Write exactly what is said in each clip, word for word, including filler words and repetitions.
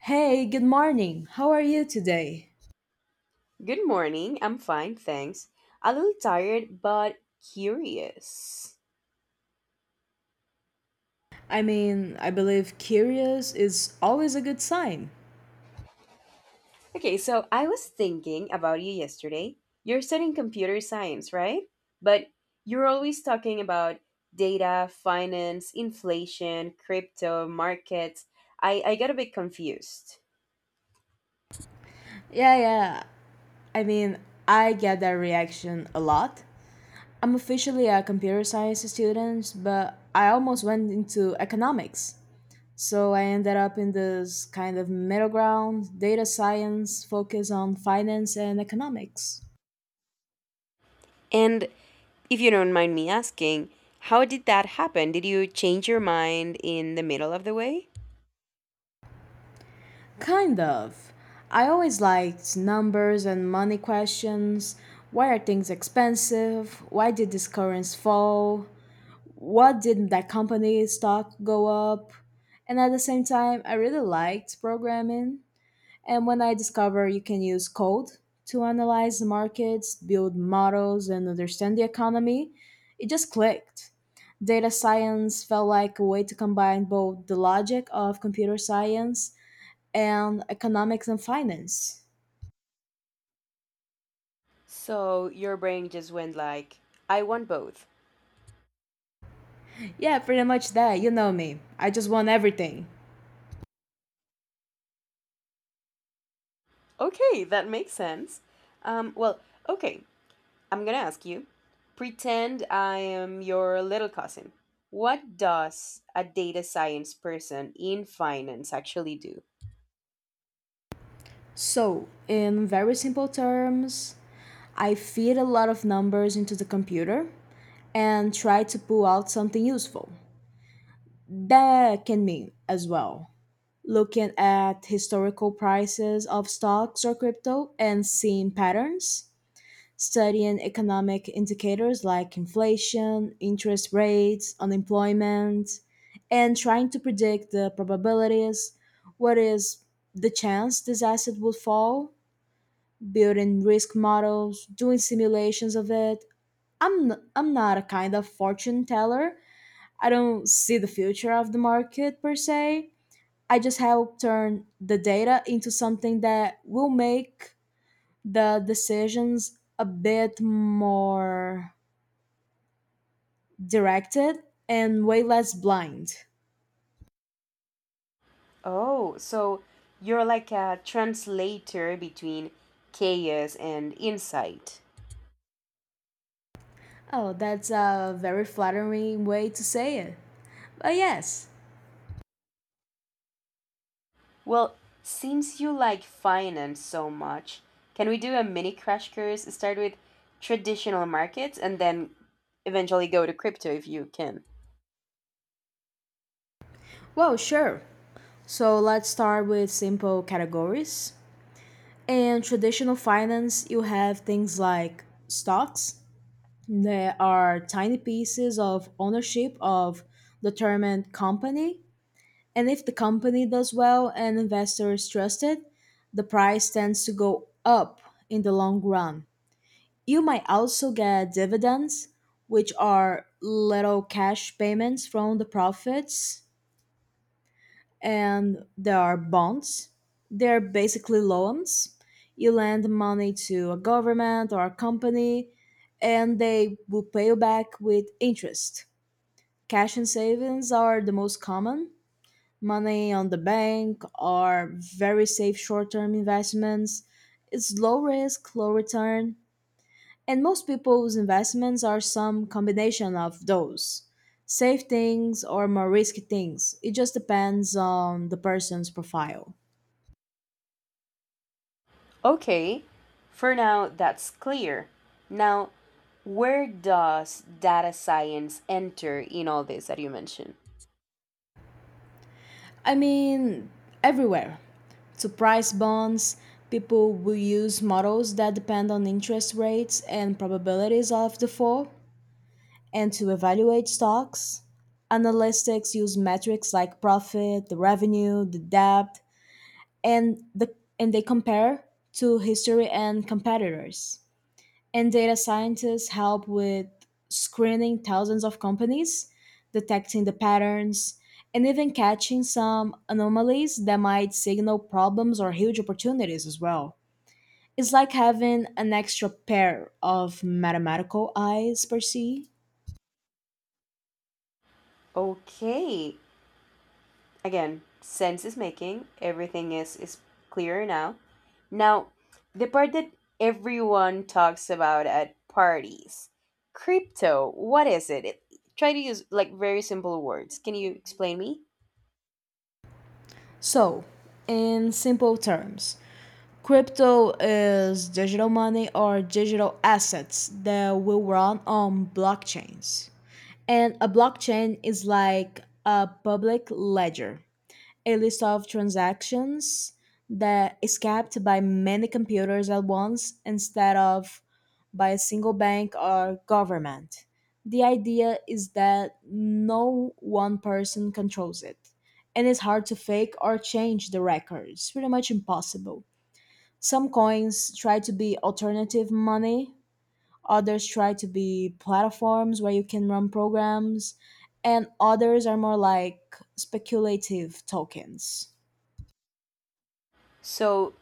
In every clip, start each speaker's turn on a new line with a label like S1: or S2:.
S1: Hey, good morning. How are you today?
S2: Good morning. I'm fine, thanks. A little tired, but curious.
S1: I mean, I believe curious is always a good sign.
S2: Okay, so I was thinking about you yesterday. You're studying computer science, right? But you're always talking about data, finance, inflation, crypto, markets. I, I got a bit confused.
S1: Yeah, yeah. I mean, I get that reaction a lot. I'm officially a computer science student, but I almost went into economics. So I ended up in this kind of middle ground, data science focus on finance and economics.
S2: And if you don't mind me asking, how did that happen? Did you change your mind in the middle of the way?
S1: Kind of. I always liked numbers and money questions. Why are things expensive? Why did this currency fall? What did that company stock go up? And at the same time, I really liked programming. And when I discovered you can use code to analyze the markets, build models, and understand the economy, it just clicked. Data science felt like a way to combine both the logic of computer science and economics and finance.
S2: So your brain just went like, I want both.
S1: Yeah, pretty much that. You know me. I just want everything.
S2: Okay, that makes sense. Um, well, okay, I'm gonna ask you. Pretend I am your little cousin. What does a data science person in finance actually do?
S1: So, in very simple terms, I feed a lot of numbers into the computer and try to pull out something useful. That can mean as well looking at historical prices of stocks or crypto and seeing patterns, studying economic indicators like inflation, interest rates, unemployment, and trying to predict the probabilities, what is the chance this asset would fall, building risk models, doing simulations of it. I'm n- I'm not a kind of fortune teller. I don't see the future of the market per se. I just help turn the data into something that will make the decisions a bit more directed and way less blind.
S2: Oh, so you're like a translator between chaos and insight.
S1: Oh, that's a very flattering way to say it. But yes.
S2: Well, since you like finance so much, can we do a mini crash course? Start with traditional markets and then eventually go to crypto if you can.
S1: Well, sure. So let's start with simple categories. In traditional finance, you have things like stocks. They are tiny pieces of ownership of determined company. And if the company does well and investors trust it, the price tends to go up in the long run. You might also get dividends, which are little cash payments from the profits, and there are bonds. They're basically loans. You lend money to a government or a company, and they will pay you back with interest. Cash and savings are the most common, money on the bank are very safe short-term investments. It's low risk, low return, and most people's investments are some combination of those safe things or more risky things. It just depends on the person's profile.
S2: Okay, for now that's clear. Now, where does data science enter in all this that you mentioned?
S1: I mean, everywhere. To price bonds, people will use models that depend on interest rates and probabilities of default. And to evaluate stocks, analytics use metrics like profit, the revenue, the debt, and the and they compare to history and competitors. And data scientists help with screening thousands of companies, detecting the patterns, and even catching some anomalies that might signal problems or huge opportunities as well. It's like having an extra pair of mathematical eyes per se.
S2: Okay, again, sense is making, everything is, is clearer now. Now, the part that everyone talks about at parties crypto, what is it? it try to use like very simple words. Can you explain me?
S1: So, in simple terms, crypto is digital money or digital assets that will run on blockchains. And a blockchain is like a public ledger, a list of transactions that is kept by many computers at once instead of by a single bank or government. The idea is that no one person controls it, and it's hard to fake or change the records, pretty much impossible. Some coins try to be alternative money, others try to be platforms where you can run programs, and others are more like speculative tokens.
S2: So,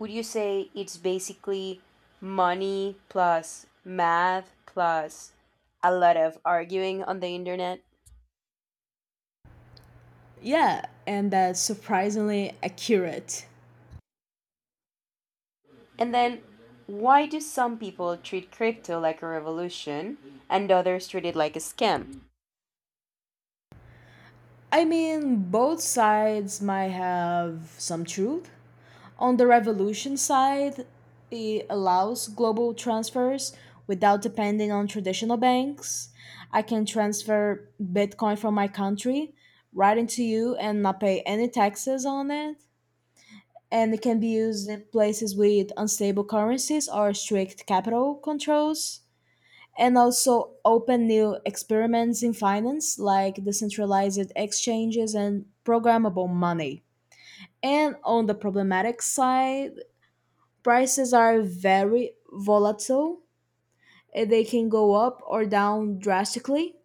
S2: would you say it's basically money plus math plus a lot of arguing on the internet?
S1: Yeah, and that's surprisingly accurate.
S2: And then why do some people treat crypto like a revolution and others treat it like a scam?
S1: I mean, both sides might have some truth. On the revolution side, it allows global transfers without depending on traditional banks. I can transfer Bitcoin from my country right into you and not pay any taxes on it. And it can be used in places with unstable currencies or strict capital controls, and also open new experiments in finance like decentralized exchanges and programmable money. And on the problematic side, prices are very volatile. Eh, They can go up or down drastically.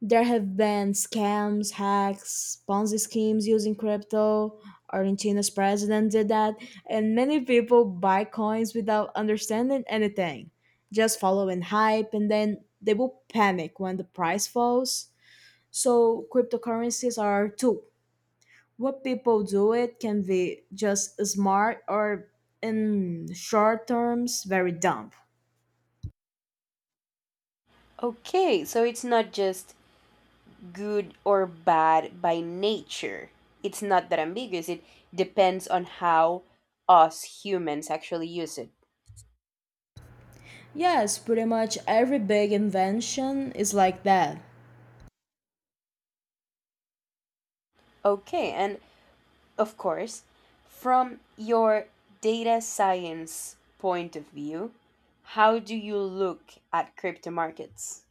S1: There have been scams, hacks, Ponzi schemes using crypto. Argentina's president did that, and many people buy coins without understanding anything, just following hype, and then they will panic when the price falls. So, cryptocurrencies are a tool. What people do it can be just smart or, in short terms, very dumb.
S2: Okay, so it's not just good or bad by nature. It's not that ambiguous. It depends on how us humans actually use it.
S1: Yes, pretty much every big invention is like that.
S2: Okay, and of course, from your data science point of view, how do you look at crypto markets?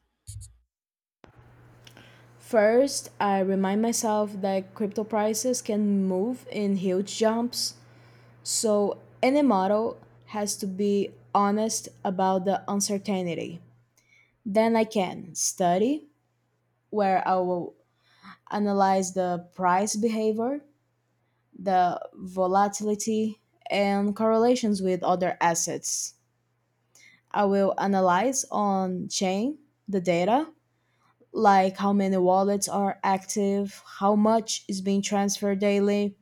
S1: First, I remind myself that crypto prices can move in huge jumps, so any model has to be honest about the uncertainty. Then I can study, where I will analyze the price behavior, the volatility, and correlations with other assets. I will analyze on chain the data, like how many wallets are active, how much is being transferred daily,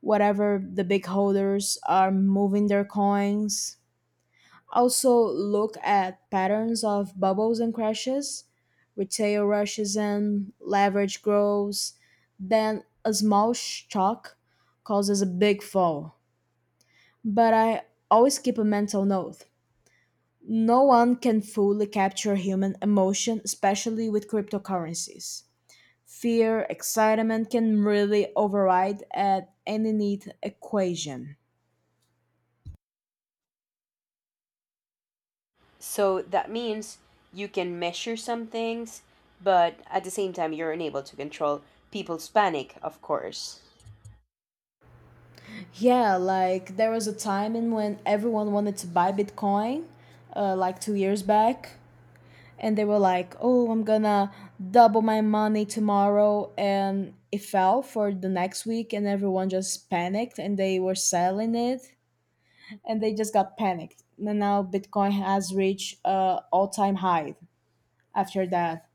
S1: whatever the big holders are moving their coins. Also, look at patterns of bubbles and crashes, retail rushes in, leverage grows, then a small shock causes a big fall. But I always keep a mental note. No one can fully capture human emotion, especially with cryptocurrencies. Fear, excitement can really override at any neat equation.
S2: So that means you can measure some things, but at the same time, you're unable to control people's panic, of course.
S1: Yeah, like there was a time in when everyone wanted to buy Bitcoin, uh, like two years back, and they were like, "Oh, I'm gonna double my money tomorrow," and it fell for the next week, and everyone just panicked, and they were selling it, and they just got panicked. And now Bitcoin has reached uh, all-time high. After that,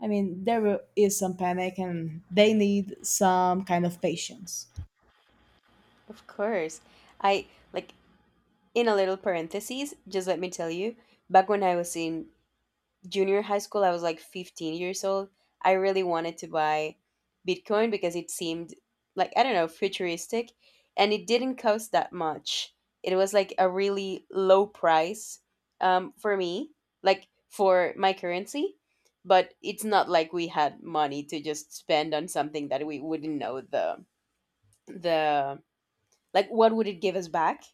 S1: I mean, there will- is some panic, and they need some kind of patience.
S2: Of course. I like in a little parenthesis, just let me tell you, back when I was in junior high school, I was like fifteen years old. I really wanted to buy Bitcoin because it seemed like, I don't know, futuristic. And it didn't cost that much. It was like a really low price um, for me, like for my currency. But it's not like we had money to just spend on something that we wouldn't know the the like, what would it give us back?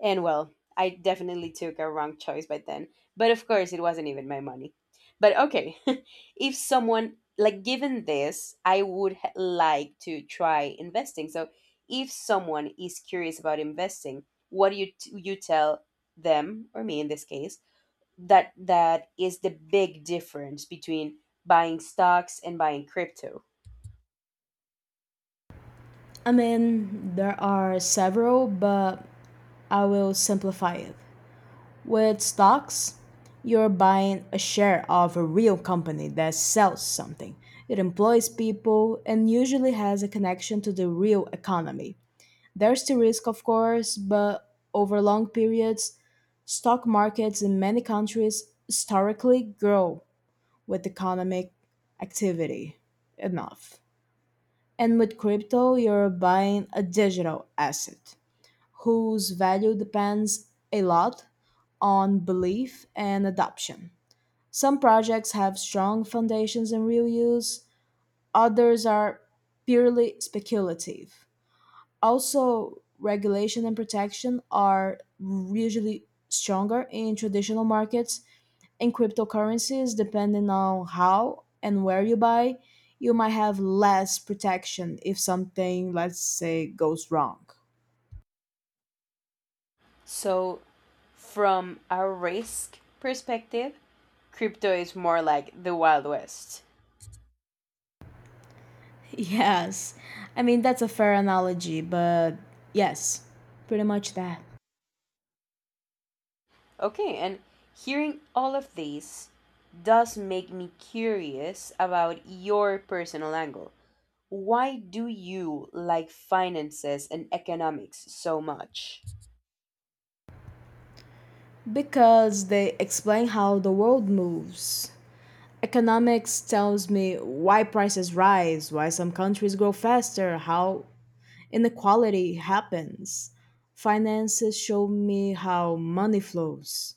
S2: And well, I definitely took a wrong choice by then. But of course, it wasn't even my money. But okay, if someone, like, given this, I would h- like to try investing. So if someone is curious about investing, what do you, t- you tell them, or me in this case, that that is the big difference between buying stocks and buying crypto.
S1: I mean, there are several, but I will simplify it. With stocks, you're buying a share of a real company that sells something. It employs people and usually has a connection to the real economy. There's the risk, of course, but over long periods, stock markets in many countries historically grow with economic activity enough. And with crypto, you're buying a digital asset whose value depends a lot on belief and adoption. Some projects have strong foundations in real use, others are purely speculative. Also, regulation and protection are usually stronger in traditional markets. In cryptocurrencies, depending on how and where you buy, you might have less protection if something, let's say, goes wrong.
S2: So, from a risk perspective, crypto is more like the Wild West.
S1: Yes. I mean, that's a fair analogy, but yes, pretty much that.
S2: Okay, and hearing all of this does make me curious about your personal angle. Why do you like finances and economics so much?
S1: Because they explain how the world moves. Economics tells me why prices rise, why some countries grow faster, how inequality happens. Finances show me how money flows,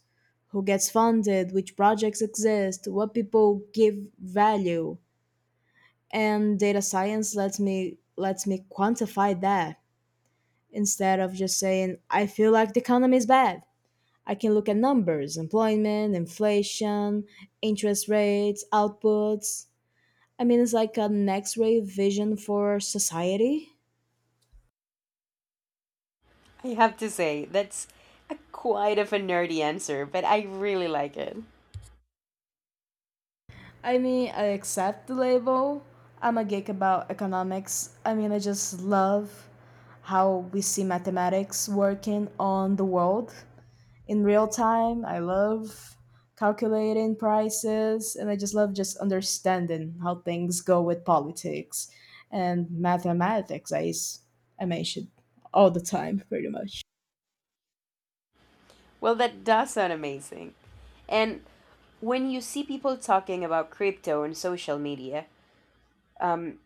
S1: who gets funded, which projects exist, what people give value. And data science lets me lets me quantify that instead of just saying, I feel like the economy is bad. I can look at numbers, employment, inflation, interest rates, outputs. I mean, it's like an x ray vision for society.
S2: I have to say, that's a quite of a nerdy answer, but I really like it.
S1: I mean, I accept the label. I'm a geek about economics. I mean, I just love how we see mathematics working on the world. In real time. I love calculating prices and I just love just understanding how things go with politics and mathematics. I, s- I mention, all the time pretty much.
S2: Well, that does sound amazing. And when you see people talking about crypto on social media, um,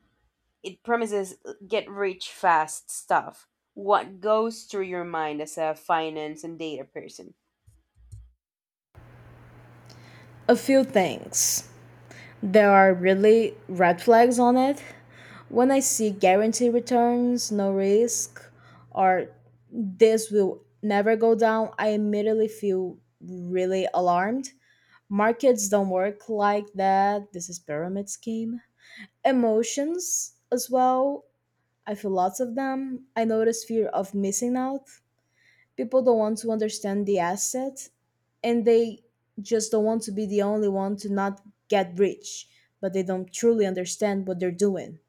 S2: it promises get rich fast stuff. What goes through your mind as a finance and data person?
S1: A few things. There are really red flags on it. When I see guarantee returns, no risk, or this will never go down, I immediately feel really alarmed. Markets don't work like that. This is pyramid scheme. Emotions as well. I feel lots of them. I notice fear of missing out. People don't want to understand the asset and they just don't want to be the only one to not get rich, but they don't truly understand what they're doing.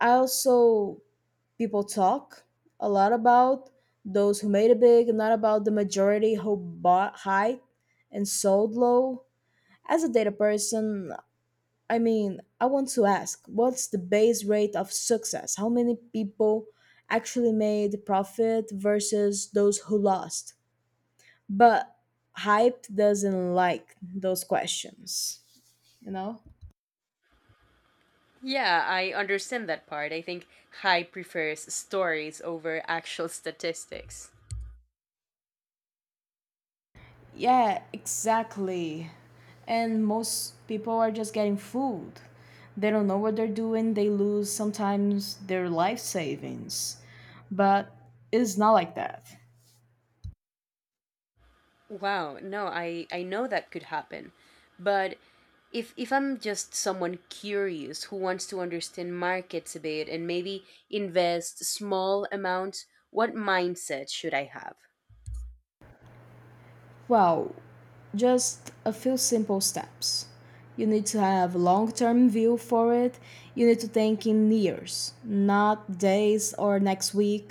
S1: I also people talk a lot about those who made it big, not about the majority who bought high and sold low. As a data person, I mean, I want to ask, what's the base rate of success? How many people actually made profit versus those who lost? But hype doesn't like those questions, you know?
S2: Yeah, I understand that part. I think hype prefers stories over actual statistics.
S1: Yeah, exactly. And most people are just getting fooled. They don't know what they're doing, they lose sometimes their life savings. But it's not like that.
S2: Wow, no, I, I know that could happen. But if if I'm just someone curious who wants to understand markets a bit and maybe invest small amounts, what mindset should I have?
S1: Well, just a few simple steps. You need to have a long-term view for it. You need to think in years, not days or next week.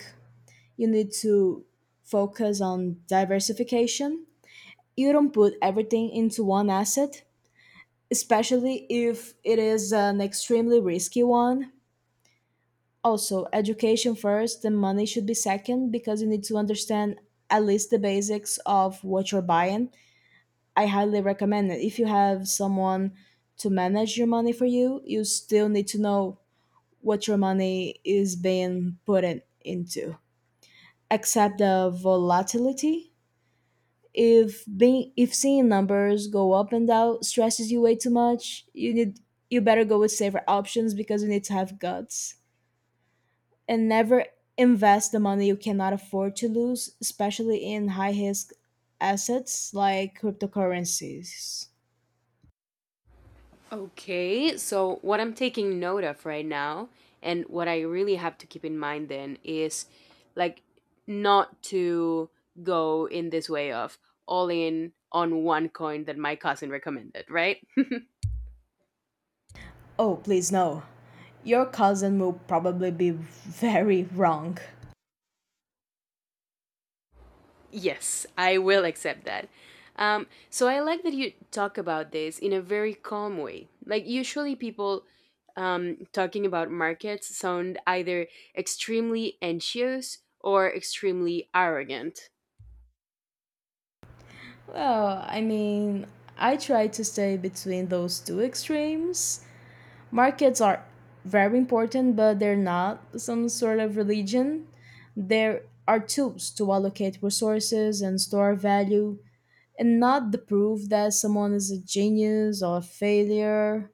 S1: You need to focus on diversification. You don't put everything into one asset, especially if it is an extremely risky one. Also, education first and money should be second because you need to understand at least the basics of what you're buying. I highly recommend it. If you have someone to manage your money for you, you still need to know what your money is being put in, into. Accept the volatility. If being if seeing numbers go up and down stresses you way too much, you need you better go with safer options because you need to have guts. And never invest the money you cannot afford to lose, especially in high risk assets like cryptocurrencies.
S2: Okay, so what I'm taking note of right now, and what I really have to keep in mind then is like not to go in this way of all in on one coin that my cousin recommended, right?
S1: Oh, please no. Your cousin will probably be very wrong.
S2: Yes, I will accept that. Um, so I like that you talk about this in a very calm way. Like usually people um, talking about markets sound either extremely anxious or extremely arrogant.
S1: Well, I mean, I try to stay between those two extremes. Markets are very important, but they're not some sort of religion. They are tools to allocate resources and store value, and not the proof that someone is a genius or a failure.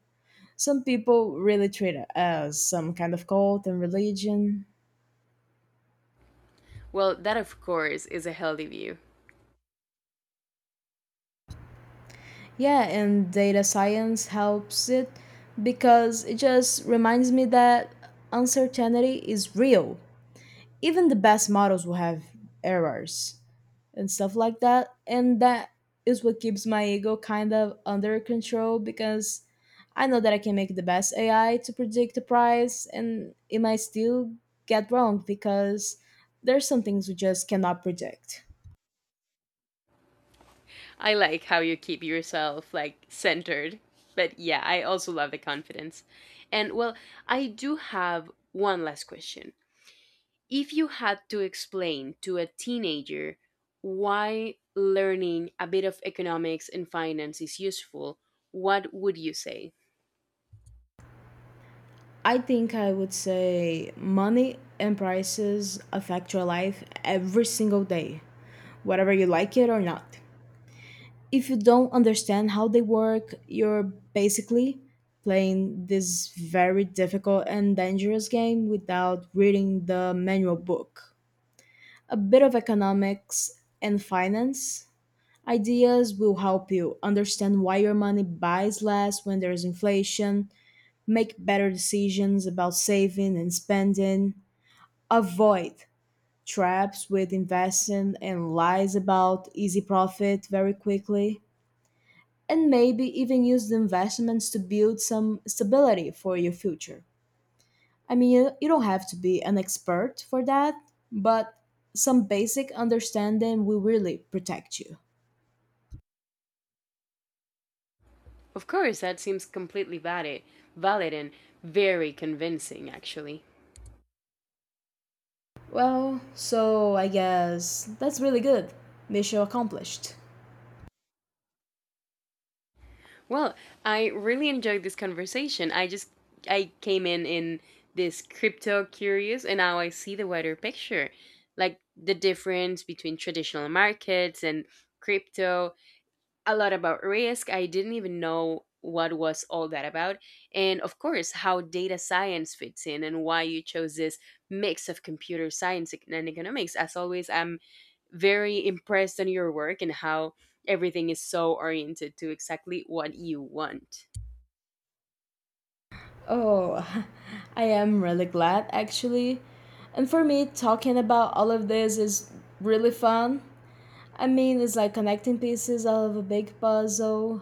S1: Some people really treat it as some kind of cult and religion.
S2: Well, that of course is a healthy view.
S1: Yeah, and data science helps it because it just reminds me that uncertainty is real. Even the best models will have errors and stuff like that. And that is what keeps my ego kind of under control because I know that I can make the best A I to predict the price and it might still get wrong because there's some things we just cannot predict.
S2: I like how you keep yourself like centered. But yeah, I also love the confidence. And well, I do have one last question. If you had to explain to a teenager why learning a bit of economics and finance is useful, what would you say?
S1: I think I would say money and prices affect your life every single day, whether you like it or not. If you don't understand how they work, you're basically playing this very difficult and dangerous game without reading the manual book. A bit of economics and finance ideas will help you understand why your money buys less when there's inflation, make better decisions about saving and spending, avoid traps with investing and lies about easy profit very quickly, and maybe even use the investments to build some stability for your future. I mean, you, you don't have to be an expert for that, but some basic understanding will really protect you.
S2: Of course, that seems completely valid, valid and very convincing actually.
S1: Well, so I guess that's really good. Mission accomplished.
S2: Well, I really enjoyed this conversation. I just I came in in this crypto curious and now I see the wider picture. Like the difference between traditional markets and crypto, a lot about risk. I didn't even know what was all that about. And of course, how data science fits in and why you chose this mix of computer science and economics. As always, I'm very impressed on your work and how everything is so oriented to exactly what you want.
S1: Oh, I am really glad actually. And for me, talking about all of this is really fun. I mean, it's like connecting pieces out of a big puzzle.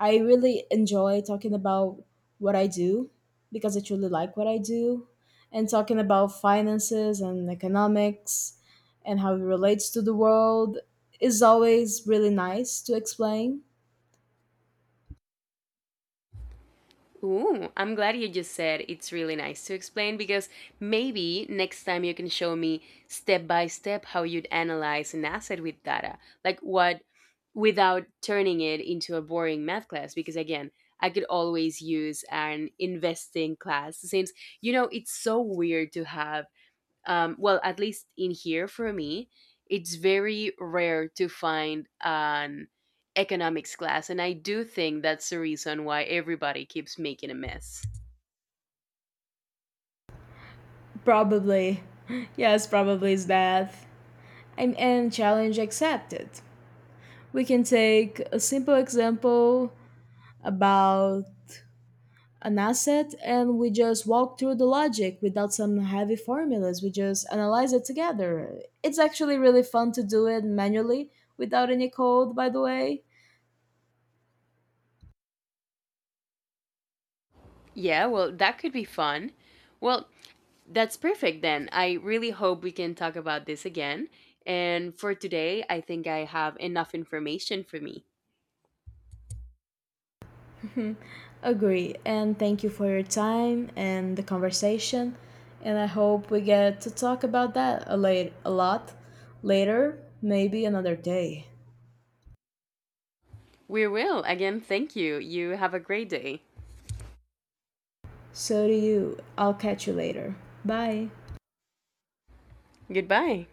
S1: I really enjoy talking about what I do because I truly like what I do. And talking about finances and economics and how it relates to the world is always really nice to explain.
S2: Ooh, I'm glad you just said it's really nice to explain because maybe next time you can show me step by step how you'd analyze an asset with data, like what without turning it into a boring math class because again, I could always use an investing class since you know it's so weird to have um, well at least in here for me it's very rare to find an economics class and I do think that's the reason why everybody keeps making a mess.
S1: Probably. Yes, probably is that. and, and challenge accepted. We can take a simple example about an asset and we just walk through the logic without some heavy formulas. We just analyze it together. It's actually really fun to do it manually without any code, by the way.
S2: Yeah, well that could be fun. Well, that's perfect then. I really hope we can talk about this again, and for today I think I have enough information for me.
S1: Agree. And thank you for your time and the conversation. And I hope we get to talk about that a, late, a lot later, maybe another day.
S2: We will. Again, thank you. You have a great day.
S1: So do you. I'll catch you later. Bye.
S2: Goodbye.